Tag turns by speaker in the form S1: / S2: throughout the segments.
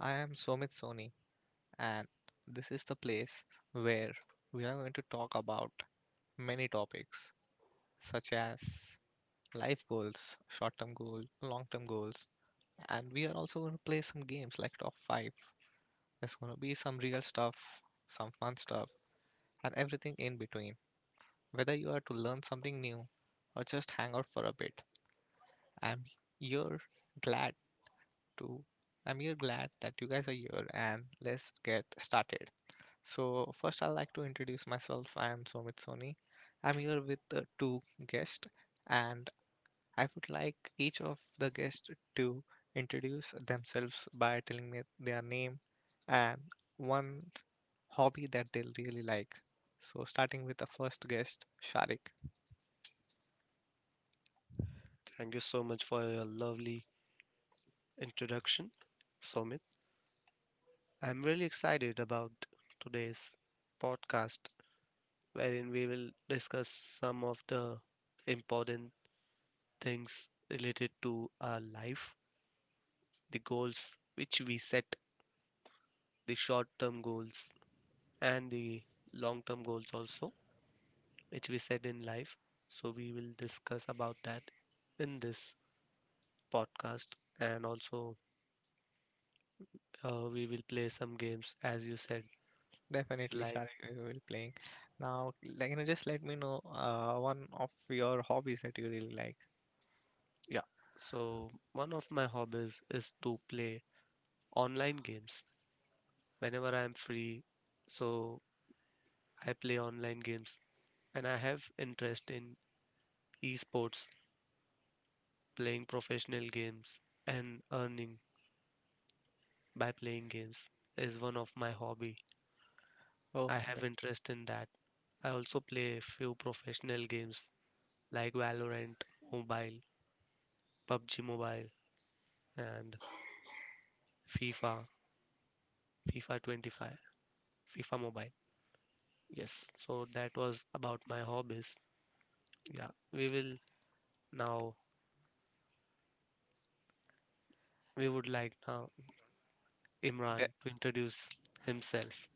S1: I am Somit Soni, and this is the place where we are going to talk about many topics such as life goals, short term goals, long term goals, and we are also going to play some games like top 5. There's going to be some real stuff, some fun stuff, and everything in between. Whether you are to learn something new or just hang out for a bit, I'm here glad to. I'm here glad that you guys are here and let's get started. So, first, I'd like to introduce myself. I am Somit Soni. I'm here with the two guests, and I would like each of the guests to introduce themselves by telling me their name and one hobby that they really like. So, starting with the first guest, Sharik.
S2: Thank you so much for your lovely introduction, Somit. I'm really excited about today's podcast, wherein we will discuss some of the important things related to our life, the goals which we set, the short term goals, and the long term goals also, which we set in life. So, we will discuss about that in this podcast, and also we will play some games, as you said,
S1: Definitely,
S2: like.
S1: Sharik we will playing. Now, like, just let me know one of your hobbies that you really like.
S2: Yeah. So, one of my hobbies is to play online games whenever I am free. So, I play online games and I have interest in esports, playing professional games and earning by playing games is one of my hobby.
S1: Oh,
S2: I have interest in that. I also play a few professional games like Valorant Mobile, PUBG Mobile and FIFA, FIFA 25, FIFA Mobile. Yes, so that was about my hobbies. Yeah, we will now, we would like now
S1: de-
S2: Imran to introduce himself.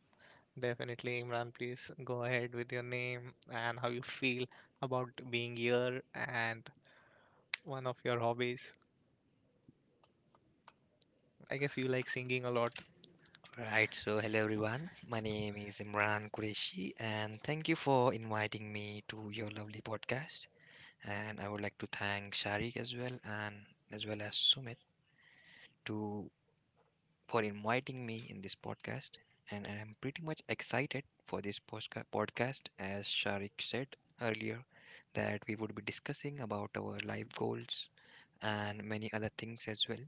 S1: definitely, Imran. Please go ahead with your name and how you feel about being here and one of your hobbies. I guess you like singing a lot.
S3: Right, so hello everyone. My name is Imran Qureshi, and thank you for inviting me to your lovely podcast. And I would like to thank Sharik as well, and as well as Sumit to for inviting me in this podcast. And I'm pretty much excited for this podcast, as Sharik said earlier, that we would be discussing about our life goals and many other things as well.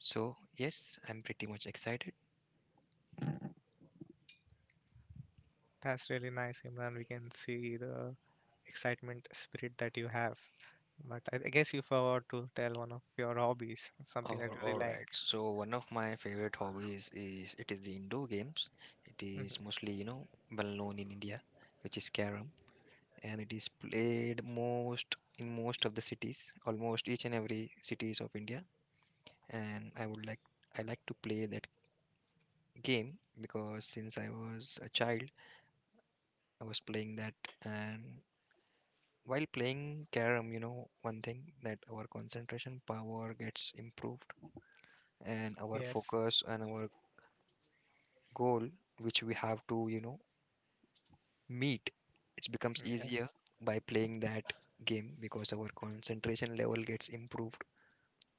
S3: So yes, I'm pretty much excited.
S1: That's really nice, Imran. We can see the excitement spirit that you have. But I guess you forgot to tell one of your hobbies, something that
S3: Or
S1: you really
S3: all
S1: like.
S3: right. So one of my favorite hobbies is it is the indoor games. It is
S1: Hmm.
S3: mostly, you know, well known in India, which is carom, and it is played most in most of the cities, almost each and every cities of India. And I would like I like to play that game because since I was a child, I was playing that. And while playing carom, you know, one thing that our concentration power gets improved and our
S1: Yes,
S3: focus and our goal which we have to, you know, meet, it becomes
S1: yeah,
S3: easier by playing that game because our concentration level gets improved.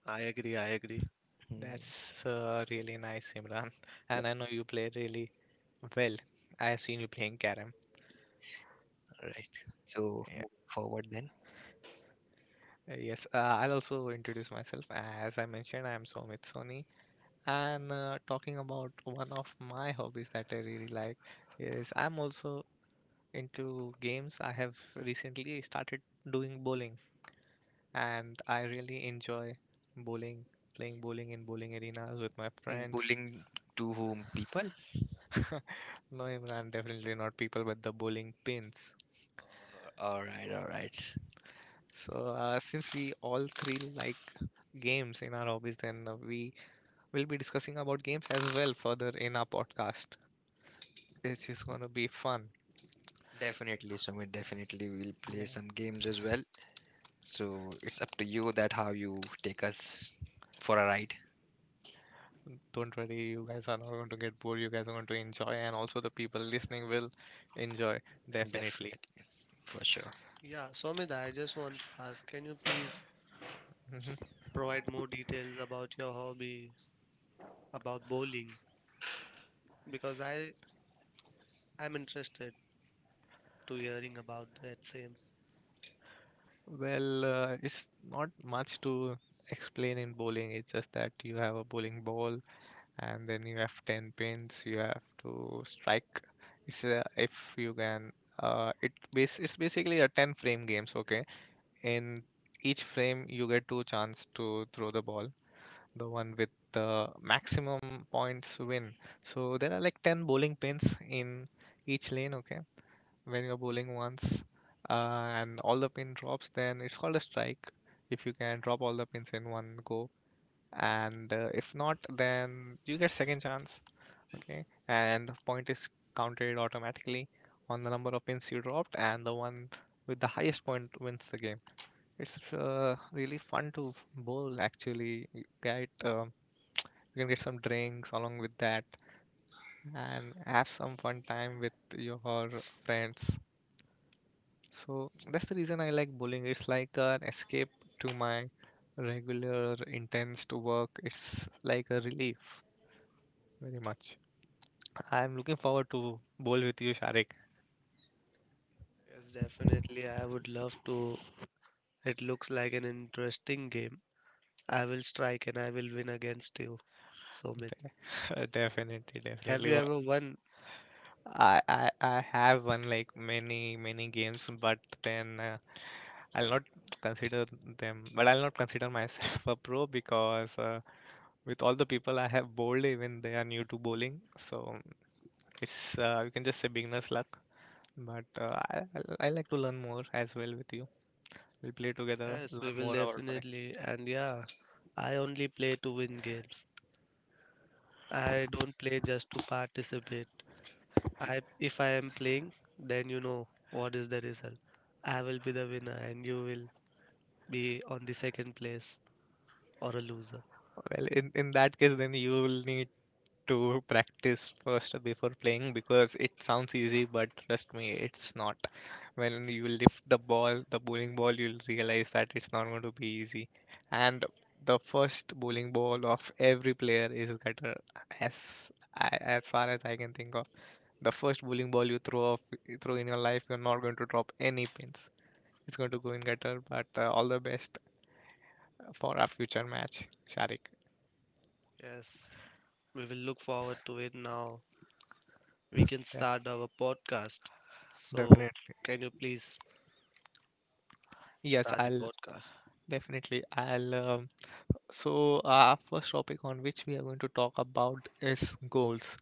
S2: I agree, I agree.
S3: Hmm,
S1: that's really nice, Imran. And I know you play really well. I have seen you playing Karam.
S3: right, so move forward then.
S1: Yes, I'll also introduce myself. As I mentioned, I'm Somit Soni, and talking about one of my hobbies that I really like is I'm also into games. I have recently started doing bowling, and I really enjoy bowling, playing bowling in bowling arenas with my
S3: Mm,
S1: friends.
S3: bullying to whom people?
S1: No, Imran, definitely not people with the bowling pins.
S3: All right, all right.
S1: So, since we all three like games in our hobbies, then we'll be discussing about games as well further in our podcast. This is going to be fun.
S3: Definitely, Sumit, definitely we'll play
S1: Yeah,
S3: some games as well, so it's up to you that how you take us for a ride.
S1: don't worry, you guys are not going to get bored. You guys are going to enjoy, and also the people listening will enjoy definitely.
S3: Definitely, for sure.
S2: Yeah, Somit, I just want to ask, can you please
S1: Mhm.
S2: provide more details about your hobby, about bowling? Because I am interested to hearing about that same.
S1: Well, it's not much to explain in bowling. It's just that you have a bowling ball, and then you have ten pins. You have to strike. It's if you can. It's basically a ten frame games. Okay, in each frame you get two chance to throw the ball. The one with the maximum points win. So there are like 10 bowling pins in each lane. Okay, when you're bowling once, and all the pin drops, then it's called a strike if you can drop all the pins in one go. And if not, then you get second chance. Okay, and point is counted automatically on the number of pins you dropped, and the one with the highest point wins the game. It's really fun to bowl actually. You can get some drinks along with that and have some fun time with your friends. So that's the reason I like bowling. It's like an escape to my regular intense to work. It's like a relief very much. I'm looking forward to bowl with you, Sharik.
S2: Yes, definitely. I would love to. It looks like an interesting game. I will strike and I will win against you, Somit.
S1: Definitely,
S2: Have
S1: definitely.
S2: you
S1: But
S2: ever won?
S1: I have won like many, many games, but then. I'll not consider them, but I'll not consider myself a pro because with all the people I have bowled, even they are new to bowling, so it's you can just say beginner's luck. But I like to learn more as well with you. We'll play together,
S2: Yes, we
S1: learn
S2: will
S1: more about bowling.
S2: definitely. And yeah, I only play to win games. I don't play just to participate. I if I am playing, then you know what is the result. I will be the winner and you will be on the second place or a loser.
S1: Well, in that case, then you will need to practice first before playing because it sounds easy, but trust me, it's not. When you lift the ball, the bowling ball, you'll realize that it's not going to be easy. And the first bowling ball of every player is gutter, as as far as I can think of. The first bowling ball you throw off, you throw in your life, you're not going to drop any pins. It's going to go in gutter. But all the best for our future match, Sharik.
S2: Yes, we will look forward to it now. We can
S1: Yeah,
S2: start our podcast. So,
S1: definitely.
S2: can you please
S1: Yes,
S2: start the
S1: I'll
S2: podcast?
S1: definitely. I'll So, our first topic on which we are going to talk about is goals.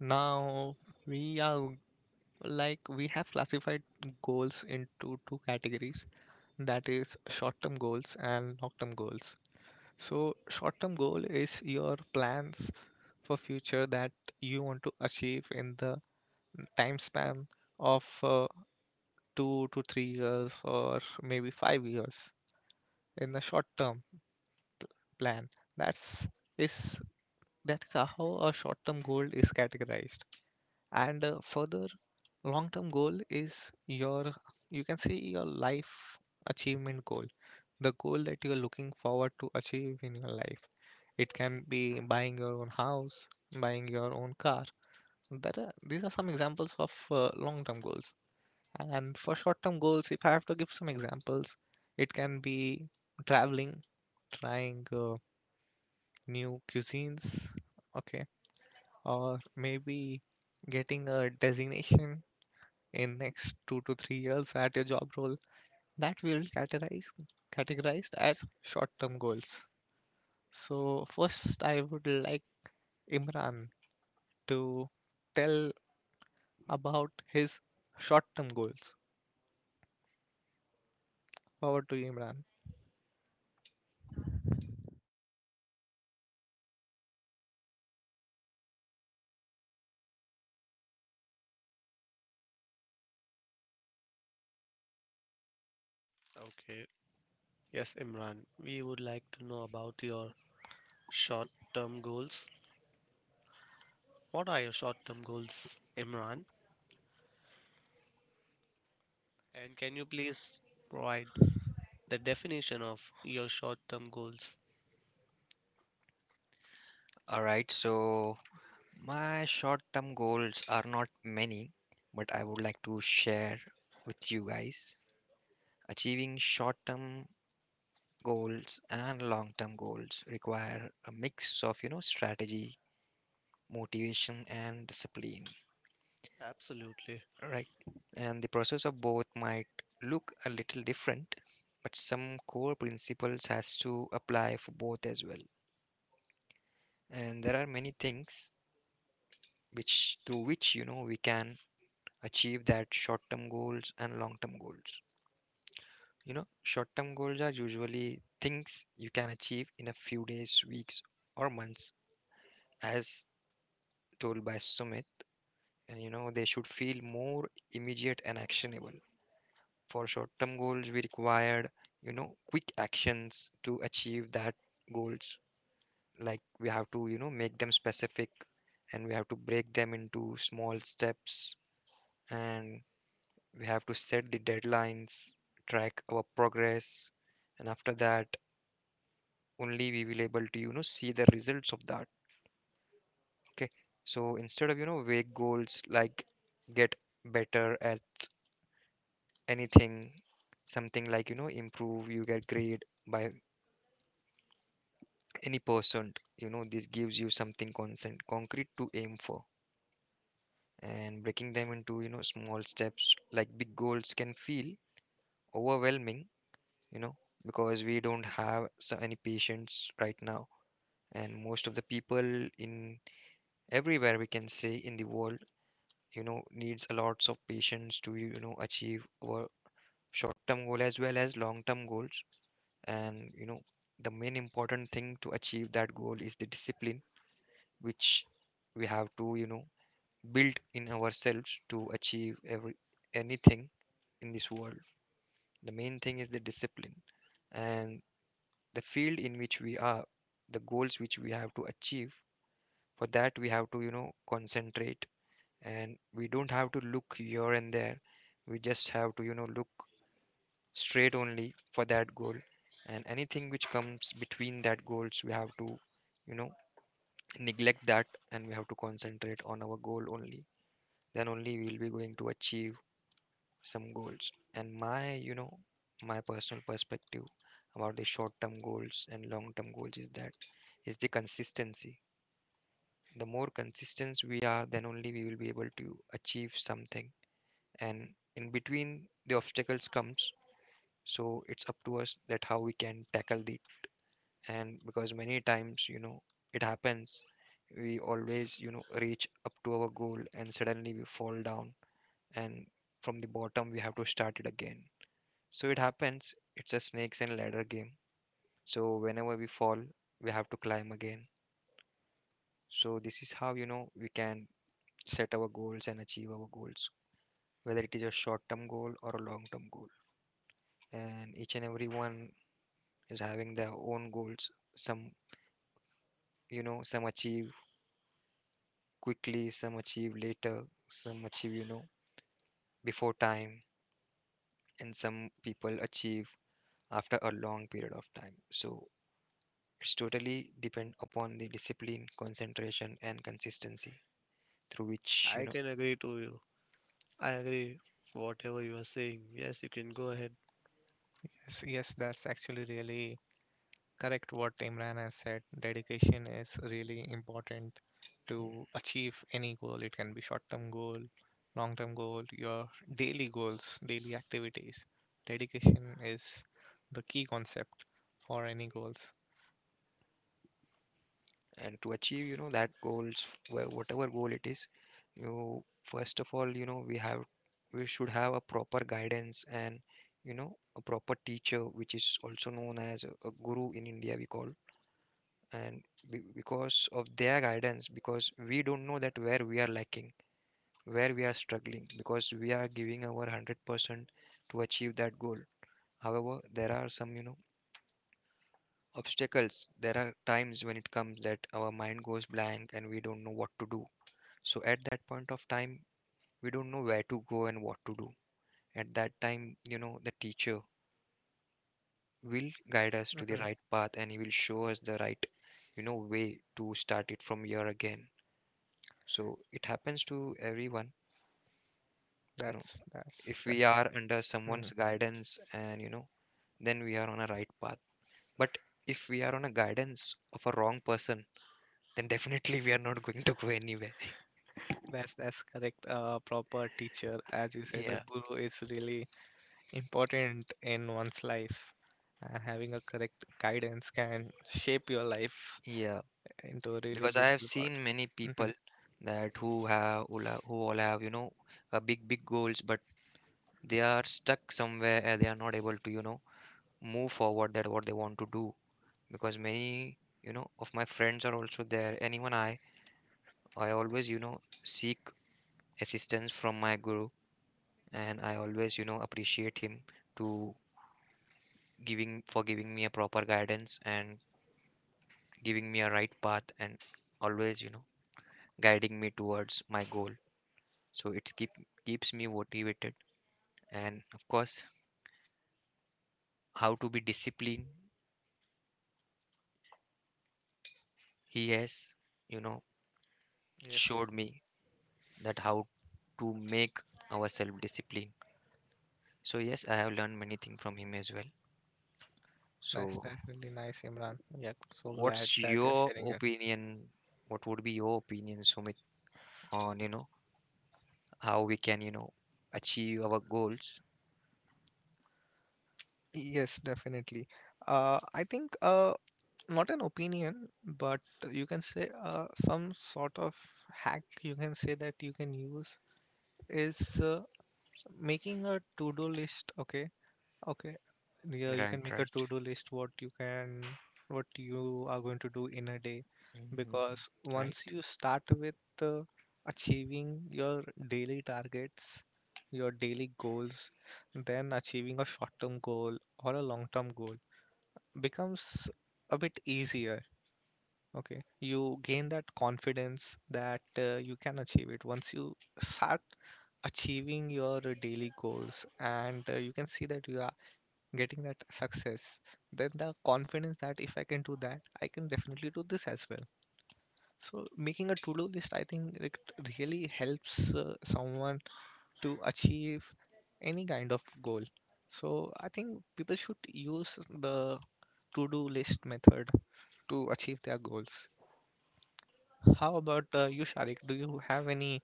S1: Now, we are like we have classified goals into two categories, that is, short term goals and long term goals. So, short term goal is your plans for future that you want to achieve in the time span of 2 to 3 years or maybe 5 years in the short term plan. That's is That's how a short term goal is categorized. And further, long term goal is your, you can say, your life achievement goal, the goal that you're looking forward to achieve in your life. It can be buying your own house, buying your own car. These are some examples of long term goals. And for short term goals, if I have to give some examples, it can be traveling, trying new cuisines, okay, or maybe getting a designation in next 2 to 3 years at your job role that will categorized as short term goals. So first I would like Imran to tell about his short term goals. Over to you, Imran.
S2: Okay. Yes, Imran, we would like to know about your short-term goals. What are your short term goals, Imran? And can you please provide the definition of your short term goals?
S3: All right, so my short term goals are not many, but I would like to share with you guys. Achieving short term goals and long term goals require a mix of, you know, strategy, motivation, and discipline,
S2: Absolutely.
S3: right? And the process of both might look a little different, but some core principles has to apply for both as well. And there are many things which through which, you know, we can achieve that short term goals and long term goals. You know, short term goals are usually things you can achieve in a few days, weeks, or months, as told by Sumit. And you know, they should feel more immediate and actionable. For short term goals, we required, you know, quick actions to achieve that goals. Like we have to, you know, make them specific, and we have to break them into small steps, and we have to set the deadlines, track our progress, and after that only we will able to, you know, see the results of that. Okay, so instead of, you know, vague goals like get better at anything, something like, you know, improve you get grade by any percent, you know, this gives you something constant concrete to aim for. And breaking them into, you know, small steps, like big goals can feel overwhelming, you know, because we don't have so any patience right now. And most of the people in everywhere, we can say, in the world, you know, needs a lots of patience to, you know, achieve our short-term goal as well as long-term goals. And you know, the main important thing to achieve that goal is the discipline, which we have to, you know, build in ourselves to achieve every anything in this world. The main thing is the discipline. And the field in which we are, the goals which we have to achieve, for that we have to, you know, concentrate, and we don't have to look here and there. We just have to, you know, look straight only for that goal, and anything which comes between that goals, we have to, you know, neglect that, and we have to concentrate on our goal only. Then only we'll be going to achieve some goals. And my, you know, my personal perspective about the short term goals and long term goals is that is the consistency. The more consistent we are, then only we will be able to achieve something. And in between the obstacles comes, so it's up to us that how we can tackle it. And because many times, you know, it happens, we always, you know, reach up to our goal and suddenly we fall down, and from the bottom we have to start it again. So it happens, it's a snakes and ladder game. So whenever we fall, we have to climb again. So this is how, you know, we can set our goals and achieve our goals, whether it is a short term goal or a long term goal. And each and every one is having their own goals. Some, you know, some achieve quickly, some achieve later, some achieve, you know, before time, and some people achieve after a long period of time. So it's totally depend upon the discipline, concentration, and consistency through which, you
S2: I
S3: know.
S2: can agree to you. I agree whatever you are saying. Yes, you can go ahead.
S1: Yes, yes, that's actually really correct what Imran has said. Dedication is really important to achieve any goal. It can be short-term goal, long-term goal, your daily goals, daily activities. Dedication is the key concept for any goals.
S3: And to achieve, you know, that goals, whatever goal it is, you first of all, you know, we have, we should have a proper guidance and, you know, a proper teacher, which is also known as a guru in India, we call. And because of their guidance, because we don't know that where we are lacking, where we are struggling, because we are giving our 100% to achieve that goal. However, there are some, you know, obstacles, there are times when it comes that our mind goes blank and we don't know what to do. So at that point of time, we don't know where to go and what to do. At that time, you know, the teacher will guide us to the
S1: Hmm.
S3: right path and he will show us the right, you know, way to start it from here again. So it happens to everyone, you know,
S1: That's
S3: if we are under
S1: Mhm.
S3: someone's guidance and, you know, then we are on a right path. But if we are on a guidance of a wrong person, then definitely we are not going to go anywhere.
S1: That's correct. A proper teacher, as you said, a
S3: Yeah.
S1: guru is really important in one's life, and having a correct guidance can shape your life
S3: Yeah,
S1: into a really
S3: because I have
S1: beautiful part.
S3: seen many
S1: Hmm.
S3: people that who have who all have, you know, a big big goals, but they are stuck somewhere and they are not able to, you know, move forward that what they want to do. Because many, you know, of my friends are also there. Anyone I always, you know, seek assistance from my guru, and I always, you know, appreciate him to giving for giving me a proper guidance and giving me a right path and always, you know, guiding me towards my goal. So it's keep keeps me motivated, and of course how to be disciplined, he has, you know,
S1: Yes,
S3: showed me that how to make ourselves disciplined. So yes, I have learned many things from him as well.
S1: that's
S3: So
S1: that's really nice, Imran. Yeah, so glad
S3: what's
S1: that you're
S3: your
S1: sharing it.
S3: opinion, what would be your opinion, Sumit, on, you know, how we can, you know, achieve our goals?
S1: Yes, definitely. I think not an opinion, but you can say some sort of hack you can say that you can use is uh, making a to-do list. Okay, okay. Yeah, you
S3: Right,
S1: can make a
S3: right.
S1: to-do list, what you are going to do in a day
S3: Mhm,
S1: because
S3: right.
S1: once you start with uh, achieving your daily targets, your daily goals, then achieving a short-term goal or a long-term goal becomes a bit easier. Okay. You gain that confidence that you can achieve it once you start achieving your daily goals and you can see that you are getting that success, then the confidence that if I can do that, I can definitely do this as well. So making a to-do list, I think it really helps someone to achieve any kind of goal. So I think people should use the to-do list method to achieve their goals. How about you, Sharik? Do you have any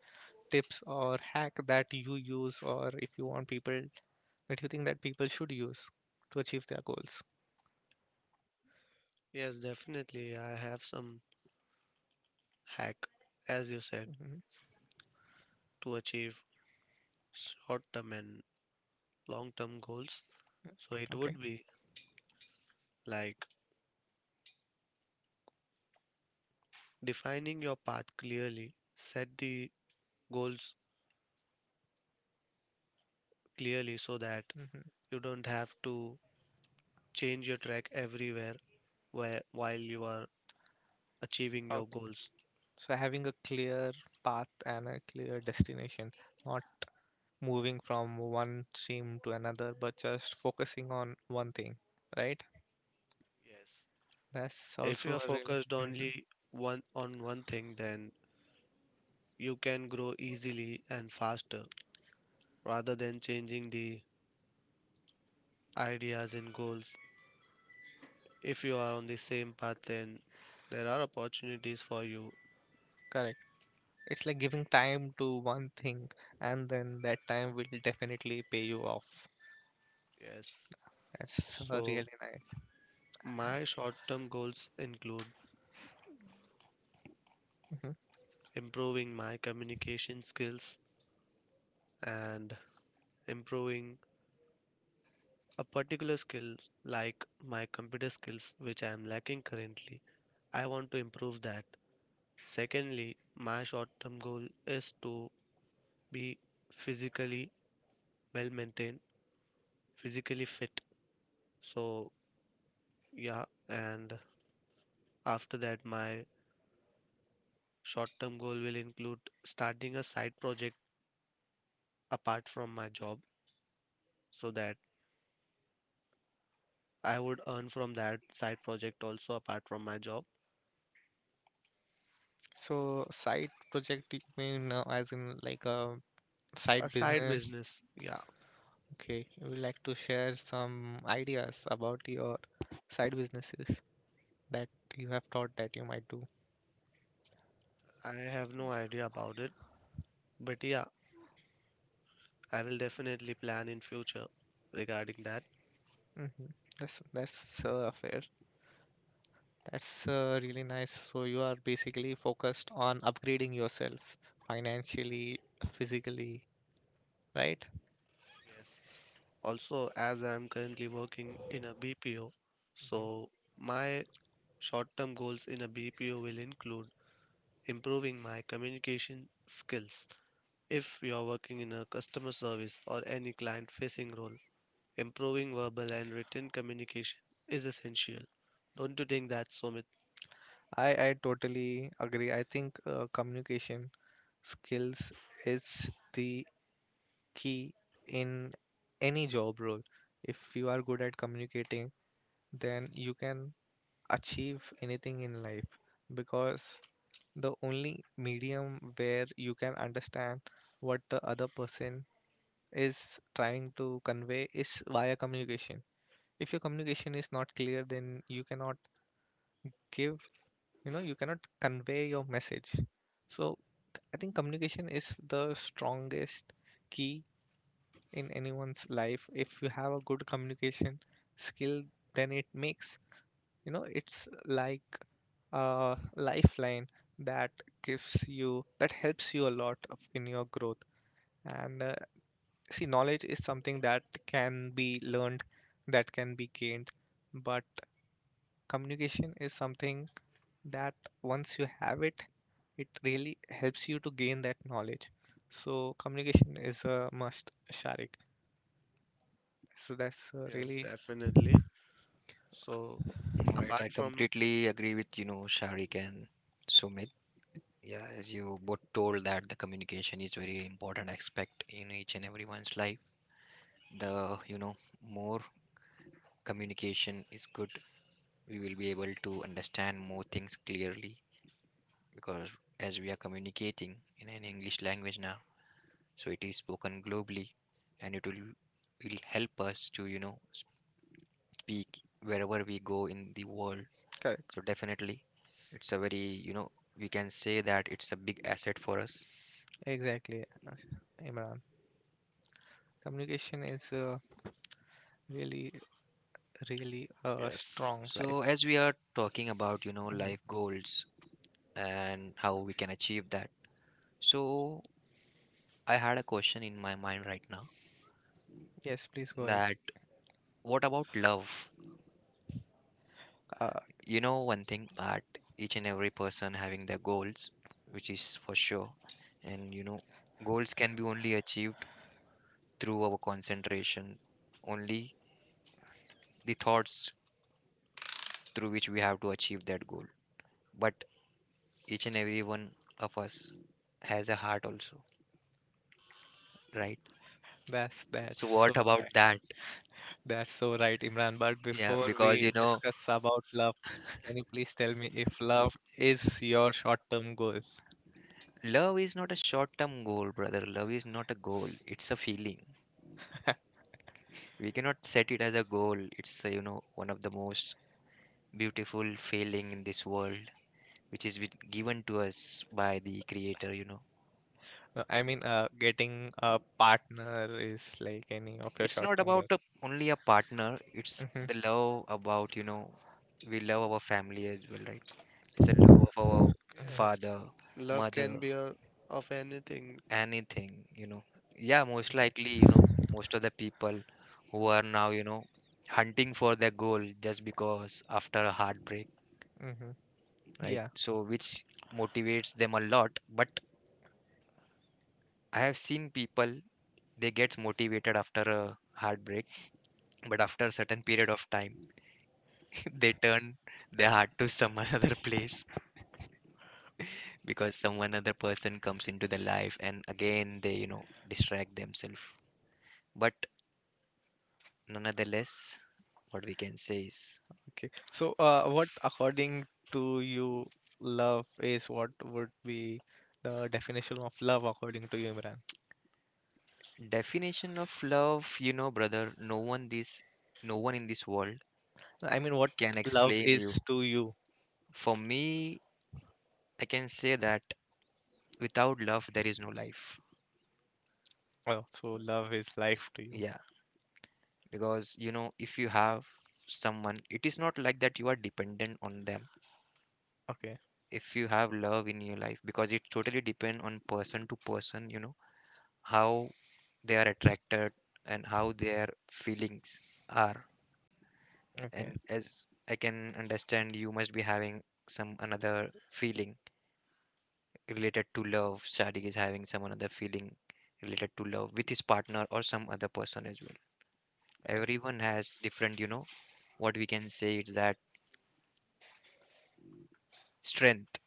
S1: tips or hack that you use, or if you want people that you think that people should use to achieve their goals?
S2: Yes, definitely. I have some hack, as you said,
S1: Hmm.
S2: to achieve short term and long term goals. So it
S1: Okay.
S2: would be like defining your path clearly, set the goals clearly so that
S1: Mhm.
S2: you don't have to change your track everywhere where, while you are achieving your
S1: Okay.
S2: goals.
S1: So having a clear path and a clear destination, not moving from one stream to another, but just focusing on one thing, right?
S2: Yes.
S1: That's
S2: If you
S1: also
S2: are
S1: a really
S2: focused only one on one thing, then you can grow easily and faster rather than changing the ideas and goals. If you are on the same path, then there are opportunities for you.
S1: Correct. It's like giving time to one thing, and then that time will definitely pay you off.
S2: Yes.
S1: That's
S2: So,
S1: really nice.
S2: my short term goals include
S1: Mhm.
S2: improving my communication skills and improving a particular skill like my computer skills which I am lacking currently. I want to improve that. Secondly, my short term goal is to be physically well maintained, physically fit. So, yeah. And after that, my short term goal will include starting a side project apart from my job, so that I would earn from that side project also apart from my job.
S1: So side project you mean as in like a
S2: A
S1: side
S2: side
S1: business?
S2: business, yeah.
S1: Okay, you would like to share some ideas about your side businesses that you have thought that you might do.
S2: I have no idea about it, but yeah, I will definitely plan in future regarding that.
S1: Hmm. That's fair. That's really nice. So you are basically focused on upgrading yourself financially, physically, right?
S2: Yes. Also, as I am currently working in a BPO, so my short-term goals in a BPO will include improving my communication skills. If you are working in a customer service or any client-facing role, improving verbal and written communication is essential. Don't you think that, Sumit?
S1: I totally agree. I think communication skills is the key in any job role. If you are good at communicating, then you can achieve anything in life because the only medium where you can understand what the other person is trying to convey is via communication. If your communication is not clear, then you cannot give, you know, you cannot convey your message. So I think communication is the strongest key in anyone's life. If you have a good communication skill, then it makes, it's like a lifeline that gives you that helps you a lot of, in your growth, and see, knowledge is something that can be learned, that can be gained, but communication is something that once you have it really helps you to gain that knowledge. So communication is a must, Sharik, so that's
S2: Yes,
S1: really
S2: definitely. So
S3: All right,
S2: apart
S3: I
S2: from,
S3: completely agree with, you know, Sharik and Sumit. Yeah, as you both told that the communication is very important aspect in each and everyone's life. The, you know, more communication is good. We will be able to understand more things clearly because as we are communicating in an English language now, so it is spoken globally and it will help us to, you know, speak wherever we go in the world.
S1: okay.
S3: So definitely, it's a very, you know, we can say that it's a big asset for us.
S1: Exactly, Imran. Communication is really, really a
S2: yes.
S1: strong
S3: So
S1: life.
S3: as we are talking about, you know,
S1: Mhm.
S3: life goals and how we can achieve that. So I had a question in my mind right now
S1: Yes, please go ahead.
S3: that what about love?
S1: Uh,
S3: You know, one thing that each and every person having their goals, which is for sure. And you know, goals can be only achieved through our concentration, only the thoughts through which we have to achieve that goal. But each and every one of us has a heart also, right?
S1: that's
S3: So
S1: so
S3: what about
S1: right.
S3: that?
S1: That's so right, Imran. But
S3: Yeah,
S1: before
S3: because
S1: we discuss about love, can you please tell me if love is your short-term goal?
S3: love is not a short term goal, brother. Love is not a goal, it's a feeling. We cannot set it as a goal. It's one of the most beautiful feeling in this world, which is given to us by the creator.
S1: I mean, getting a partner is like any of your
S3: It's not
S1: short-term
S3: about
S1: goals.
S3: a, only a partner. It's
S1: Hmm.
S3: the love about. We love our family as well, right? It's a love of our
S2: Yes.
S3: father,
S2: Love can
S3: mother,
S2: be a, of anything.
S3: anything. Yeah, most likely, most of the people who are now, hunting for their goal just because after a heartbreak,
S1: Hmm. Hmm.
S3: right?
S1: Yeah.
S3: So which motivates them a lot. But I have seen people, they get motivated after a heartbreak, but after a certain period of time they turn their heart to some another place, because some another person comes into their life, and again they, distract themselves. But, nonetheless, what we can say is...
S1: Okay. So, what according to you, love is what would be the definition of love according to you, Imran?
S3: Definition of love, brother, no one, this no one in this world
S1: I mean, what
S3: can
S1: love
S3: explain you.
S1: is to you?
S3: For me, I can say that without love there is no life.
S1: Oh, so love is life to you.
S3: Yeah, because if you have someone, it is not like that you are dependent on them.
S1: Okay.
S3: If you have love in your life, because it totally depend on person to person, you know how they are attracted and how their feelings are.
S1: Okay.
S3: And as I can understand, you must be having some another feeling related to love. Sadiq is having some another feeling related to love with his partner or some other person as well.
S1: Correct.
S3: Everyone has
S2: Yes.
S3: different. What we can say is that strength.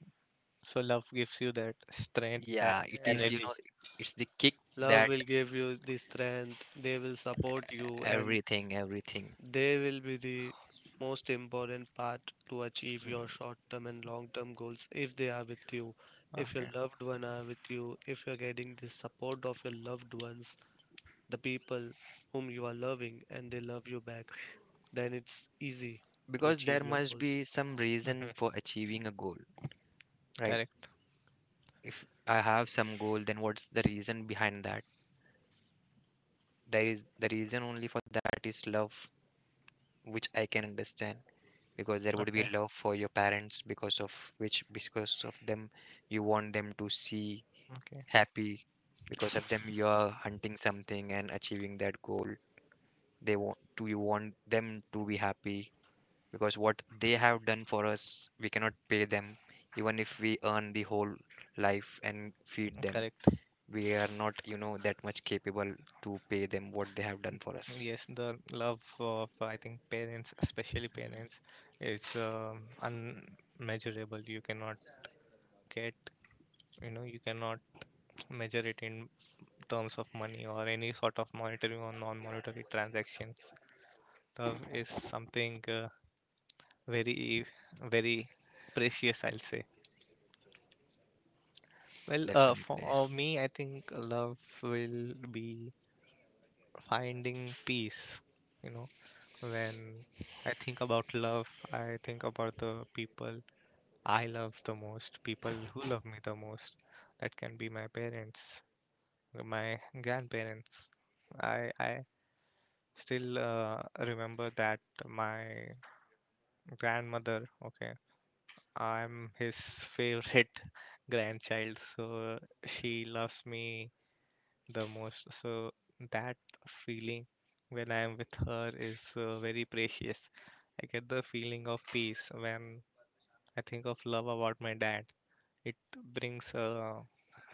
S1: So love gives you that strength, that
S3: Yeah, it is,
S1: energy.
S2: Yes.
S3: it's the kick
S2: Love
S3: that...
S2: will give you the strength, they will support you, and
S3: Everything, everything.
S2: they will be the most important part to achieve your
S3: Mm.
S2: short-term and long-term goals if they are with you. If your
S1: Okay.
S2: loved one are with you, if you're getting the support of your loved ones, the people whom you are loving, and they love you back, then it's easy to
S3: Because there
S2: achieve your
S3: must
S2: goals.
S3: be some reason for achieving
S1: Hmm.
S3: a goal, right?
S1: Correct.
S3: If I have some goal, then what's the reason behind that? There is the reason only for that is love, which I can understand, because there would be
S1: Okay.
S3: love for your parents, because of them you want them to see
S1: Okay.
S3: happy. Because of them you are hunting something and achieving that goal. They want Do you want them to be happy? Because what they have done for us we cannot pay them, even if we earn the whole life and feed them.
S1: Correct.
S3: We are not, that much capable to pay them what they have done for us.
S1: Yes, the love of I think parents, especially parents, is unmeasurable. You cannot get, you know, you cannot measure it in terms of money or any sort of monetary or non-monetary transactions. Love is something very, very precious, I'll say. Well, for
S3: Definitely.
S1: me, I think love will be finding peace, you know. When I think about love, I think about the people I love the most, people who love me the most. That can be my parents, my grandparents. I still remember that my grandmother, okay, I'm his favorite grandchild, so she loves me the most. So that feeling when I am with her is very precious. I get the feeling of peace when I think of love about my dad. It brings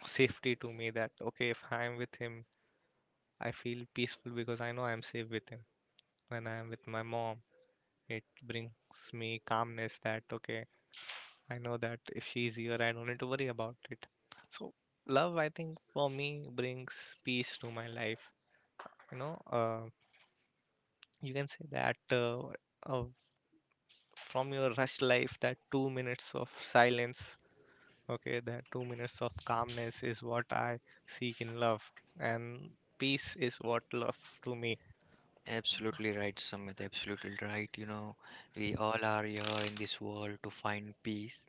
S1: safety to me that okay, if I am with him, I feel peaceful because I know I am safe with him. When I am with my mom, it brings me calmness that okay, I know that if she's here, I don't need to worry about it. So love, I think for me, brings peace to my life. You know, you can say that uh, from your rush life that 2 minutes of silence, okay, that 2 minutes of calmness is what I seek in love, and peace is what love to me.
S3: Absolutely right, Sumit. Absolutely right. You know, we all are here in this world to find peace.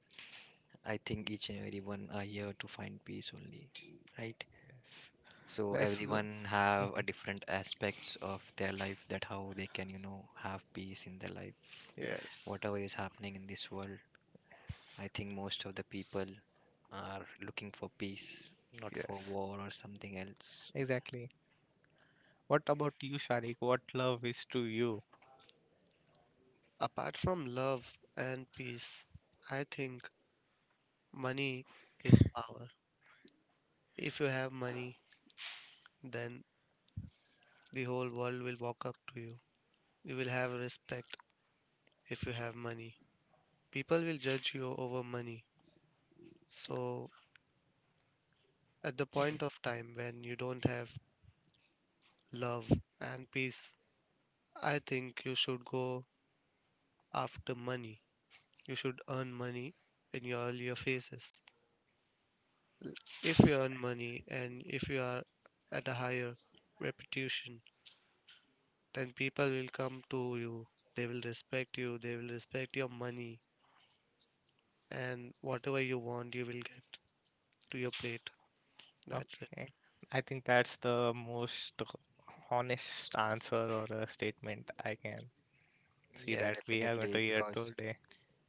S3: I think each and everyone are here to find peace only, right?
S1: Yes,
S3: So
S1: let's go.
S3: everyone have a
S1: Mm,
S3: different aspects of their life, that how they can, have peace in their life.
S1: yes.
S2: Yes.
S3: Whatever is happening in this world,
S1: Yes.
S3: I think most of the people are looking for peace, not for
S1: Yes,
S3: war or something else.
S1: exactly. What about you, Sharik, what love is to you?
S2: Apart from love and peace, I think money is power. If you have money, then the whole world will walk up to you. You will have respect if you have money. People will judge you over money. So, at the
S1: Mm,
S2: point of time when you don't have love and peace, I think you should go after money. You should earn money in your earlier phases. If you earn money and if you are at a higher reputation, then people will come to you. They will respect you. They will respect your money. And whatever you want, you will get to your plate. That's it.
S1: okay, I think that's the most honest answer or a statement I can see
S3: Yeah,
S1: that we are going to
S3: definitely,
S1: hear
S3: because
S1: today.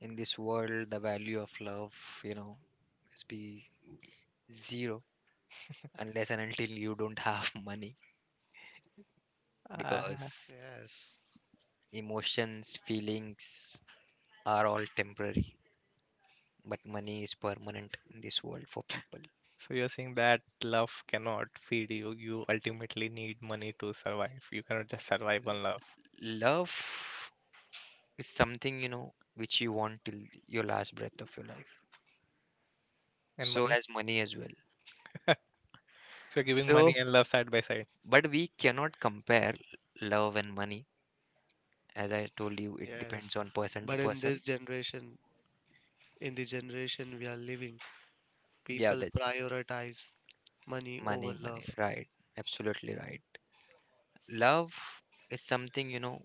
S3: in this world the value of love, you know, must be zero unless and until you don't have money,
S1: uh,
S3: because
S2: Yes.
S3: emotions, feelings are all temporary, but money is permanent in this world for people.
S1: So you're saying that love cannot feed you. You ultimately need money to survive. You cannot just survive on love
S3: Love is something, which you want till your last breath of your life.
S1: and
S3: So
S1: money.
S3: as money as well.
S1: So you're giving
S3: So,
S1: money and love side by side.
S3: but we cannot compare love and money. As I told you, it depends
S2: Yes.
S3: on person to
S2: But in
S3: person.
S2: this generation, in the generation we are living,
S3: Yeah,
S2: people
S3: that
S2: prioritize money over
S3: money, money,
S2: love.
S3: right. Absolutely right. Love is something,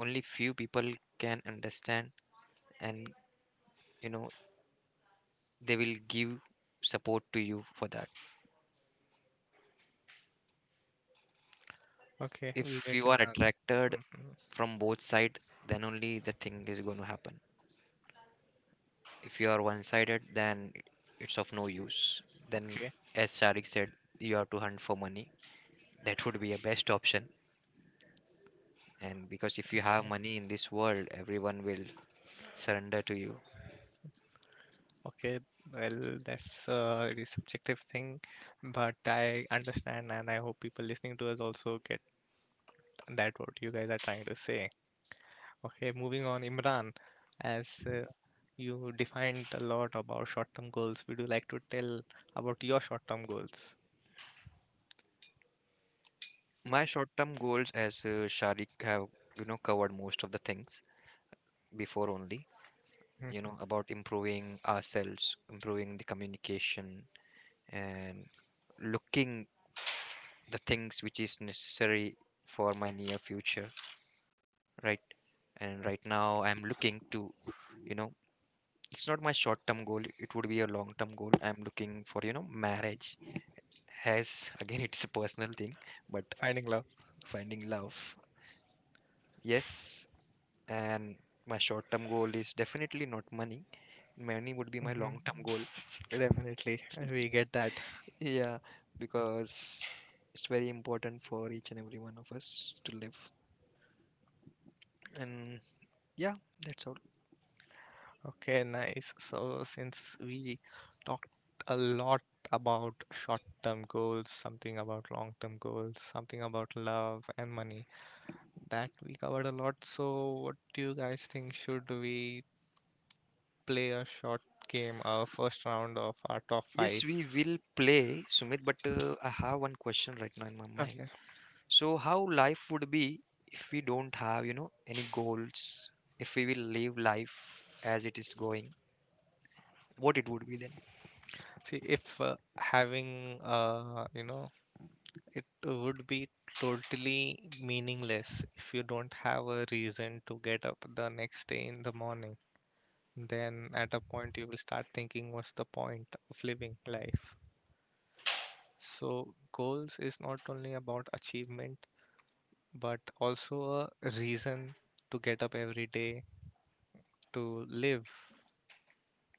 S3: only few people can understand, and you know they will give support to you for that,
S1: Okay, we
S3: if
S1: get
S3: you
S1: him.
S3: are
S1: Mm-hmm.
S3: attracted from both side, then only the thing is going to happen. If you are one sided, then it's of no use. Then,
S1: Okay,
S3: as Sharik said, you have to hunt for money. That would be a best option. And because if you have money in this world, everyone will surrender to you.
S1: okay. Well, that's a really subjective thing, but I understand, and I hope people listening to us also get that what you guys are trying to say. Okay, moving on, Imran, as you defined a lot about short-term goals, would you like to tell about your short-term goals?
S3: My short term goals, as Sharik have, covered most of the things before only,
S1: Hmm.
S3: about improving ourselves, improving the communication, and looking the things which is necessary for my near future, right? And right now I'm looking to, you know it's not my short term goal, it would be a long term goal, I'm looking for, marriage, as again, it's a personal thing, but...
S1: Finding love.
S3: Finding love. Yes. And my short term goal is definitely not money. Money would be my
S1: Hmm.
S3: long term goal.
S1: Definitely, we get that.
S3: Yeah, because it's very important for each and every one of us to live, and... Yeah, that's all.
S1: Okay, nice. So, since we talked a lot about short-term goals, something about long-term goals, something about love and money, that we covered a lot. So, what do you guys think? Should we play a short game, a first round of our top
S3: Yes,
S1: five?
S3: we will play, Sumit, but I have one question right now in my mind.
S1: Okay.
S3: So, how life would be if we don't have, you know, any goals? If we will live life as it is going, what it would be then?
S1: See, if it would be totally meaningless if you don't have a reason to get up the next day in the morning. Then at a point you will start thinking what's the point of living life. So goals is not only about achievement but also a reason to get up every day, to live,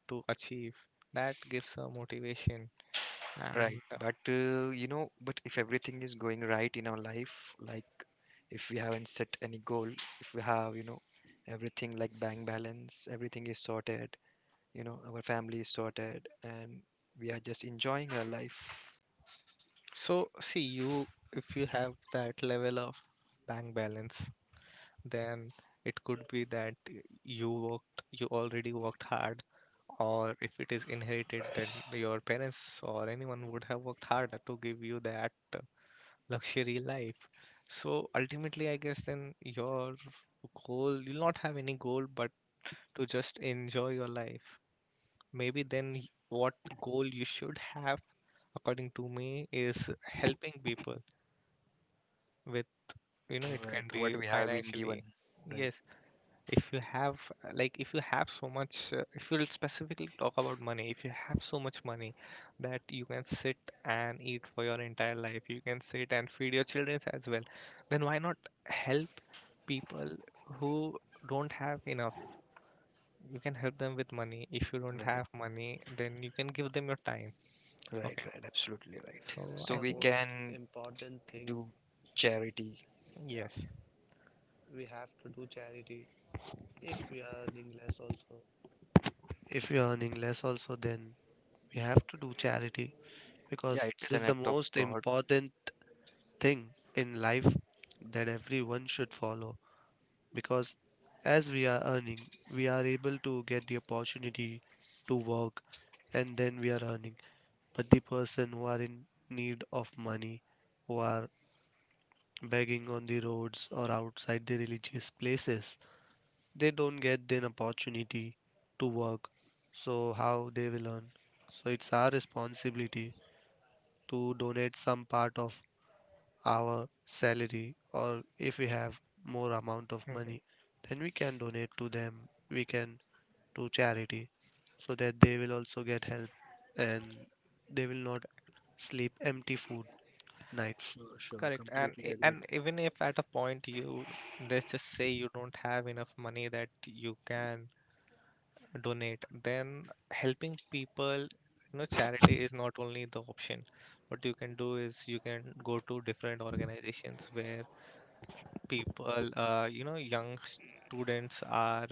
S1: to achieve. That gives a motivation. And
S3: Right. But, you know, but if everything is going right in our life, like if we haven't set any goal, if we have, you know, everything like bank balance, everything is sorted, you know, our family is sorted, and we are just enjoying our life.
S1: so see you, if you have that level of bank balance, then it could be that you already worked hard, or if it is inherited, then your parents or anyone would have worked harder to give you that luxury life. So ultimately I guess then your goal, you'll not have any goal but to just enjoy your life. Maybe then what goal you should have according to me is helping people with, you know, it
S3: Right,
S1: can be
S3: what we have been
S1: financially.
S3: given. Right,
S1: Yes, if you have like if you have so much if you'll specifically talk about money, if you have so much money that you can sit and eat for your entire life, you can sit and feed your children as well, then why not help people who don't have enough? You can help them with money; if you don't
S3: right,
S1: have money, then you can give them your time.
S3: right,
S1: Okay,
S3: right, absolutely right.
S2: Yes,
S1: so
S2: that's
S3: So
S1: I
S2: the
S3: we
S1: think
S2: most
S3: can
S2: important thing.
S3: do charity.
S2: Yeah,
S1: yes.
S2: we have to do charity. If we are earning less, also. If we are earning less, also, then we have to do charity.
S3: Yeah,
S2: Because it
S3: it's an
S2: is the
S3: act of
S2: most
S3: God.
S2: important thing in life that everyone should follow. Because as we are earning, we are able to get the opportunity to work and then we are earning. But the person who are in need of money, who are begging on the roads or outside the religious places, they don't get an opportunity to work. So, how they will earn? So, it's our responsibility to donate some part of our salary, or if we have more amount of
S1: Mm-hmm.
S2: money, then we can donate to them. We can do charity so that they will also get help and they will not sleep empty food at nights.
S3: Sure, sure,
S1: Correct. And
S3: completely
S1: i-
S3: agreed.
S1: and even if at a point you, let's just say you don't have enough money that you can donate, then helping people, you know, charity is not only the option. What you can do is you can go to different organizations where people, you know, young students are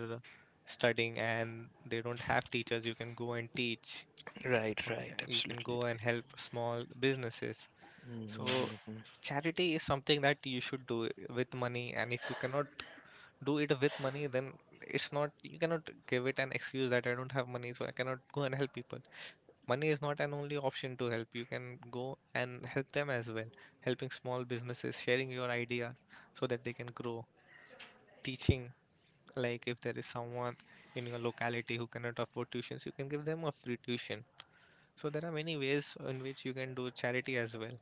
S1: studying and they don't have teachers. You can go and teach.
S3: Right, right,
S1: You can
S3: absolutely
S1: go and help small
S3: right.
S1: businesses. So,
S3: Mm-hmm.
S1: charity is something that you should do with money, and if you cannot do it with money, then it's not, you cannot give it an excuse that I don't have money, so I cannot go and help people. Money is not an only option to help. You can go and help them as well, helping small businesses, sharing your ideas so that they can grow, teaching. Like if there is someone in your locality who cannot afford tuitions, you can give them a free tuition. So there are many ways in which you can do charity as well,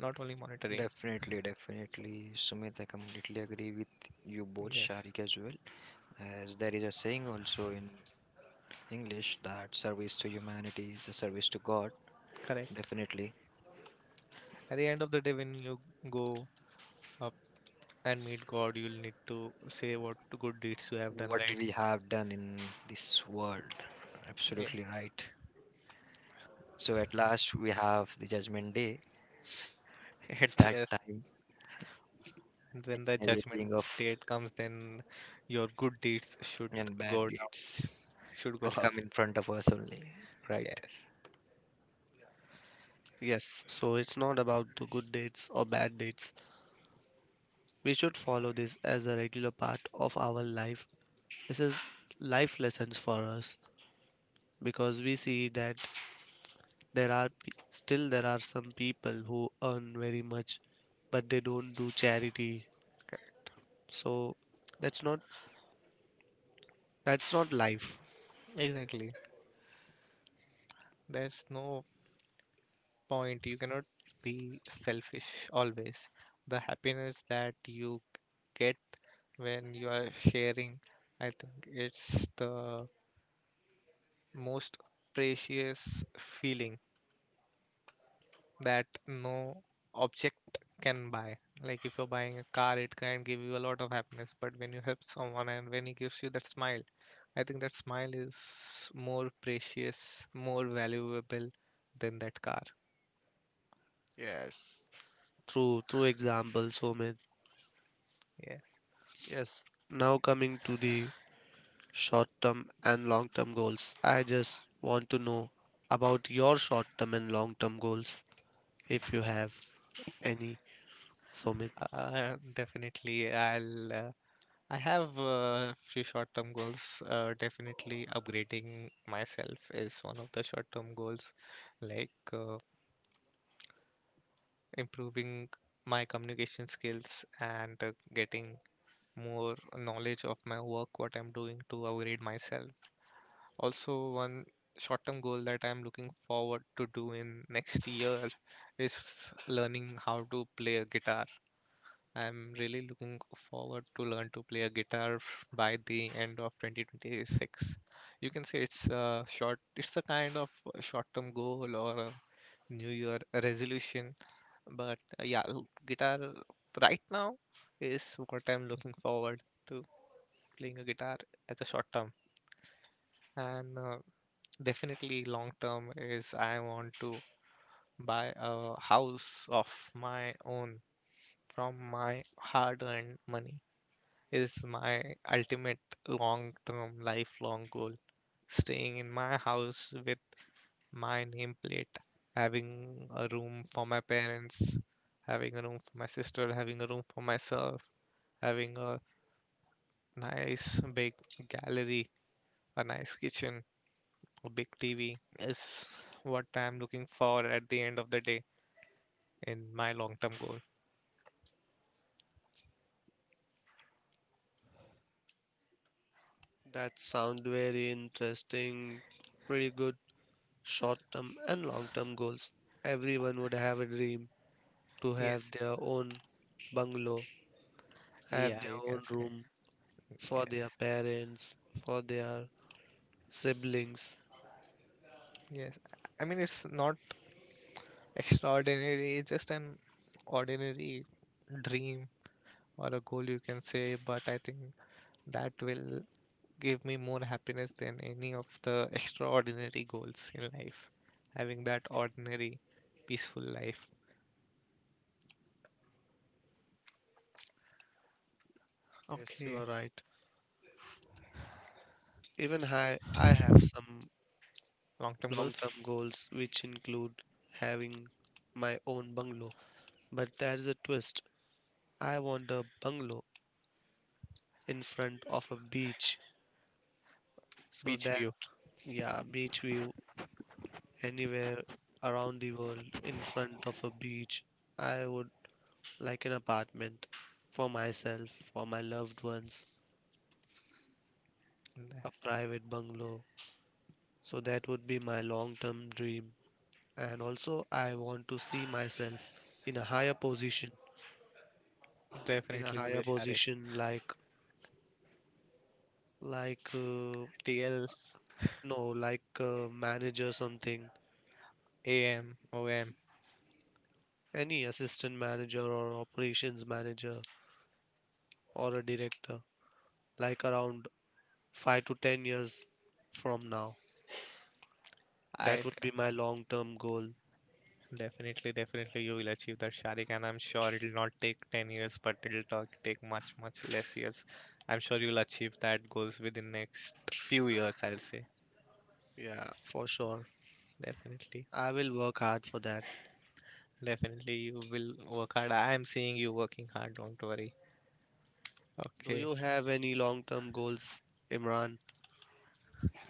S1: not only monetary.
S3: Definitely, definitely. Sumit, I completely agree with you both,
S1: Yes,
S3: Sharik as well. As there is a saying also in English that service to humanity is a service to God,
S1: correct.
S3: definitely.
S1: At the end of the day, when you go up and meet God, you'll need to say what good deeds you have done,
S3: What
S1: right?
S3: we have done in this world.
S1: Yeah.
S3: Absolutely right. So at last we have the judgment day.
S1: Yes,
S3: At that
S1: yes.
S3: time,
S1: And
S3: each
S1: when the
S3: and everything
S1: judgment
S3: of
S1: date comes, then your good deeds should
S3: and bad
S1: go down,
S3: deeds
S1: should go
S3: will
S1: up.
S3: come in front of us only, right?
S1: Yes,
S2: Yes. So it's not about the good dates or bad dates. We should follow this as a regular part of our life. This is life lessons for us. Because we see that still there are some people who earn very much but they don't do charity.
S1: correct.
S2: So that's not, that's not life.
S1: Exactly. There's no point. You cannot be selfish always. The happiness that you get when you are sharing, I think it's the most precious feeling that no object can buy. Like if you're buying a car, it can give you a lot of happiness, but when you help someone and when he gives you that smile, I think that smile is more precious, more valuable than that car.
S2: Yes. Through example so many.
S1: Yes,
S2: Yes, now coming to the short term and long term goals, I just want to know about your short term and long term goals, if you have any, Somit.
S1: definitely. I have a few short-term goals. Definitely, upgrading myself is one of the short-term goals, like improving my communication skills and getting more knowledge of my work, what I'm doing to upgrade myself. Also, one short-term goal that I'm looking forward to do in next year is learning how to play a guitar. I'm really looking forward to learn to play a guitar by the end of 2026. You can say it's a kind of a short-term goal or a New Year resolution, but yeah, guitar right now is what I'm looking forward to, playing a guitar as a short term. And definitely long term is I want to buy a house of my own from my hard earned money is my ultimate long term lifelong goal, staying in my house with my nameplate, having a room for my parents, having a room for my sister, having a room for myself, having a nice big gallery, a nice kitchen. A big TV is what I'm looking for at the end of the day in my long term goal.
S2: That sound very interesting. Pretty good. Short term and long term goals. Everyone would have a dream to have
S1: Yes.
S2: their own bungalow, have
S1: Yeah,
S2: their
S1: you can
S2: own
S1: say.
S2: room for their
S1: Yes.
S2: parents, for their siblings.
S1: Yes. I mean, it's not extraordinary, it's just an ordinary dream or a goal, you can say, but I think that will give me more happiness than any of the extraordinary goals in life. Having that ordinary, peaceful life.
S2: Yes, you are
S1: Okay.
S2: right. Even I have some
S1: Long term
S2: long
S1: goals?
S2: term goals which include having my own bungalow, but there's a twist. I want a bungalow in front of a beach so
S1: Beach
S2: that,
S1: view.
S2: yeah, beach view anywhere around the world in front of a beach. I would like an apartment for myself, for my loved ones, a
S1: Def-
S2: private bungalow. So that would be my long term dream. And also, I want to see myself in a higher position, in a
S1: Definitely, we will
S2: higher
S1: share it.
S2: position like,
S1: TL,
S2: no, like a manager, something,
S1: AM, OM.
S2: any assistant manager or operations manager or a director, like around 5 to 10 years from now.
S1: I
S2: That
S1: d-
S2: would be my long term goal.
S1: definitely, definitely you will achieve that, Sharik, and I'm sure it'll not take 10 years, but take much, much less years. I'm sure you'll achieve that goals within next few years, I'll say.
S2: Yeah, for sure.
S1: Definitely,
S2: I will work hard for that.
S1: definitely you will work hard. I am seeing you working hard, don't worry.
S2: Do
S1: Okay.
S2: you have any long term goals, Imran?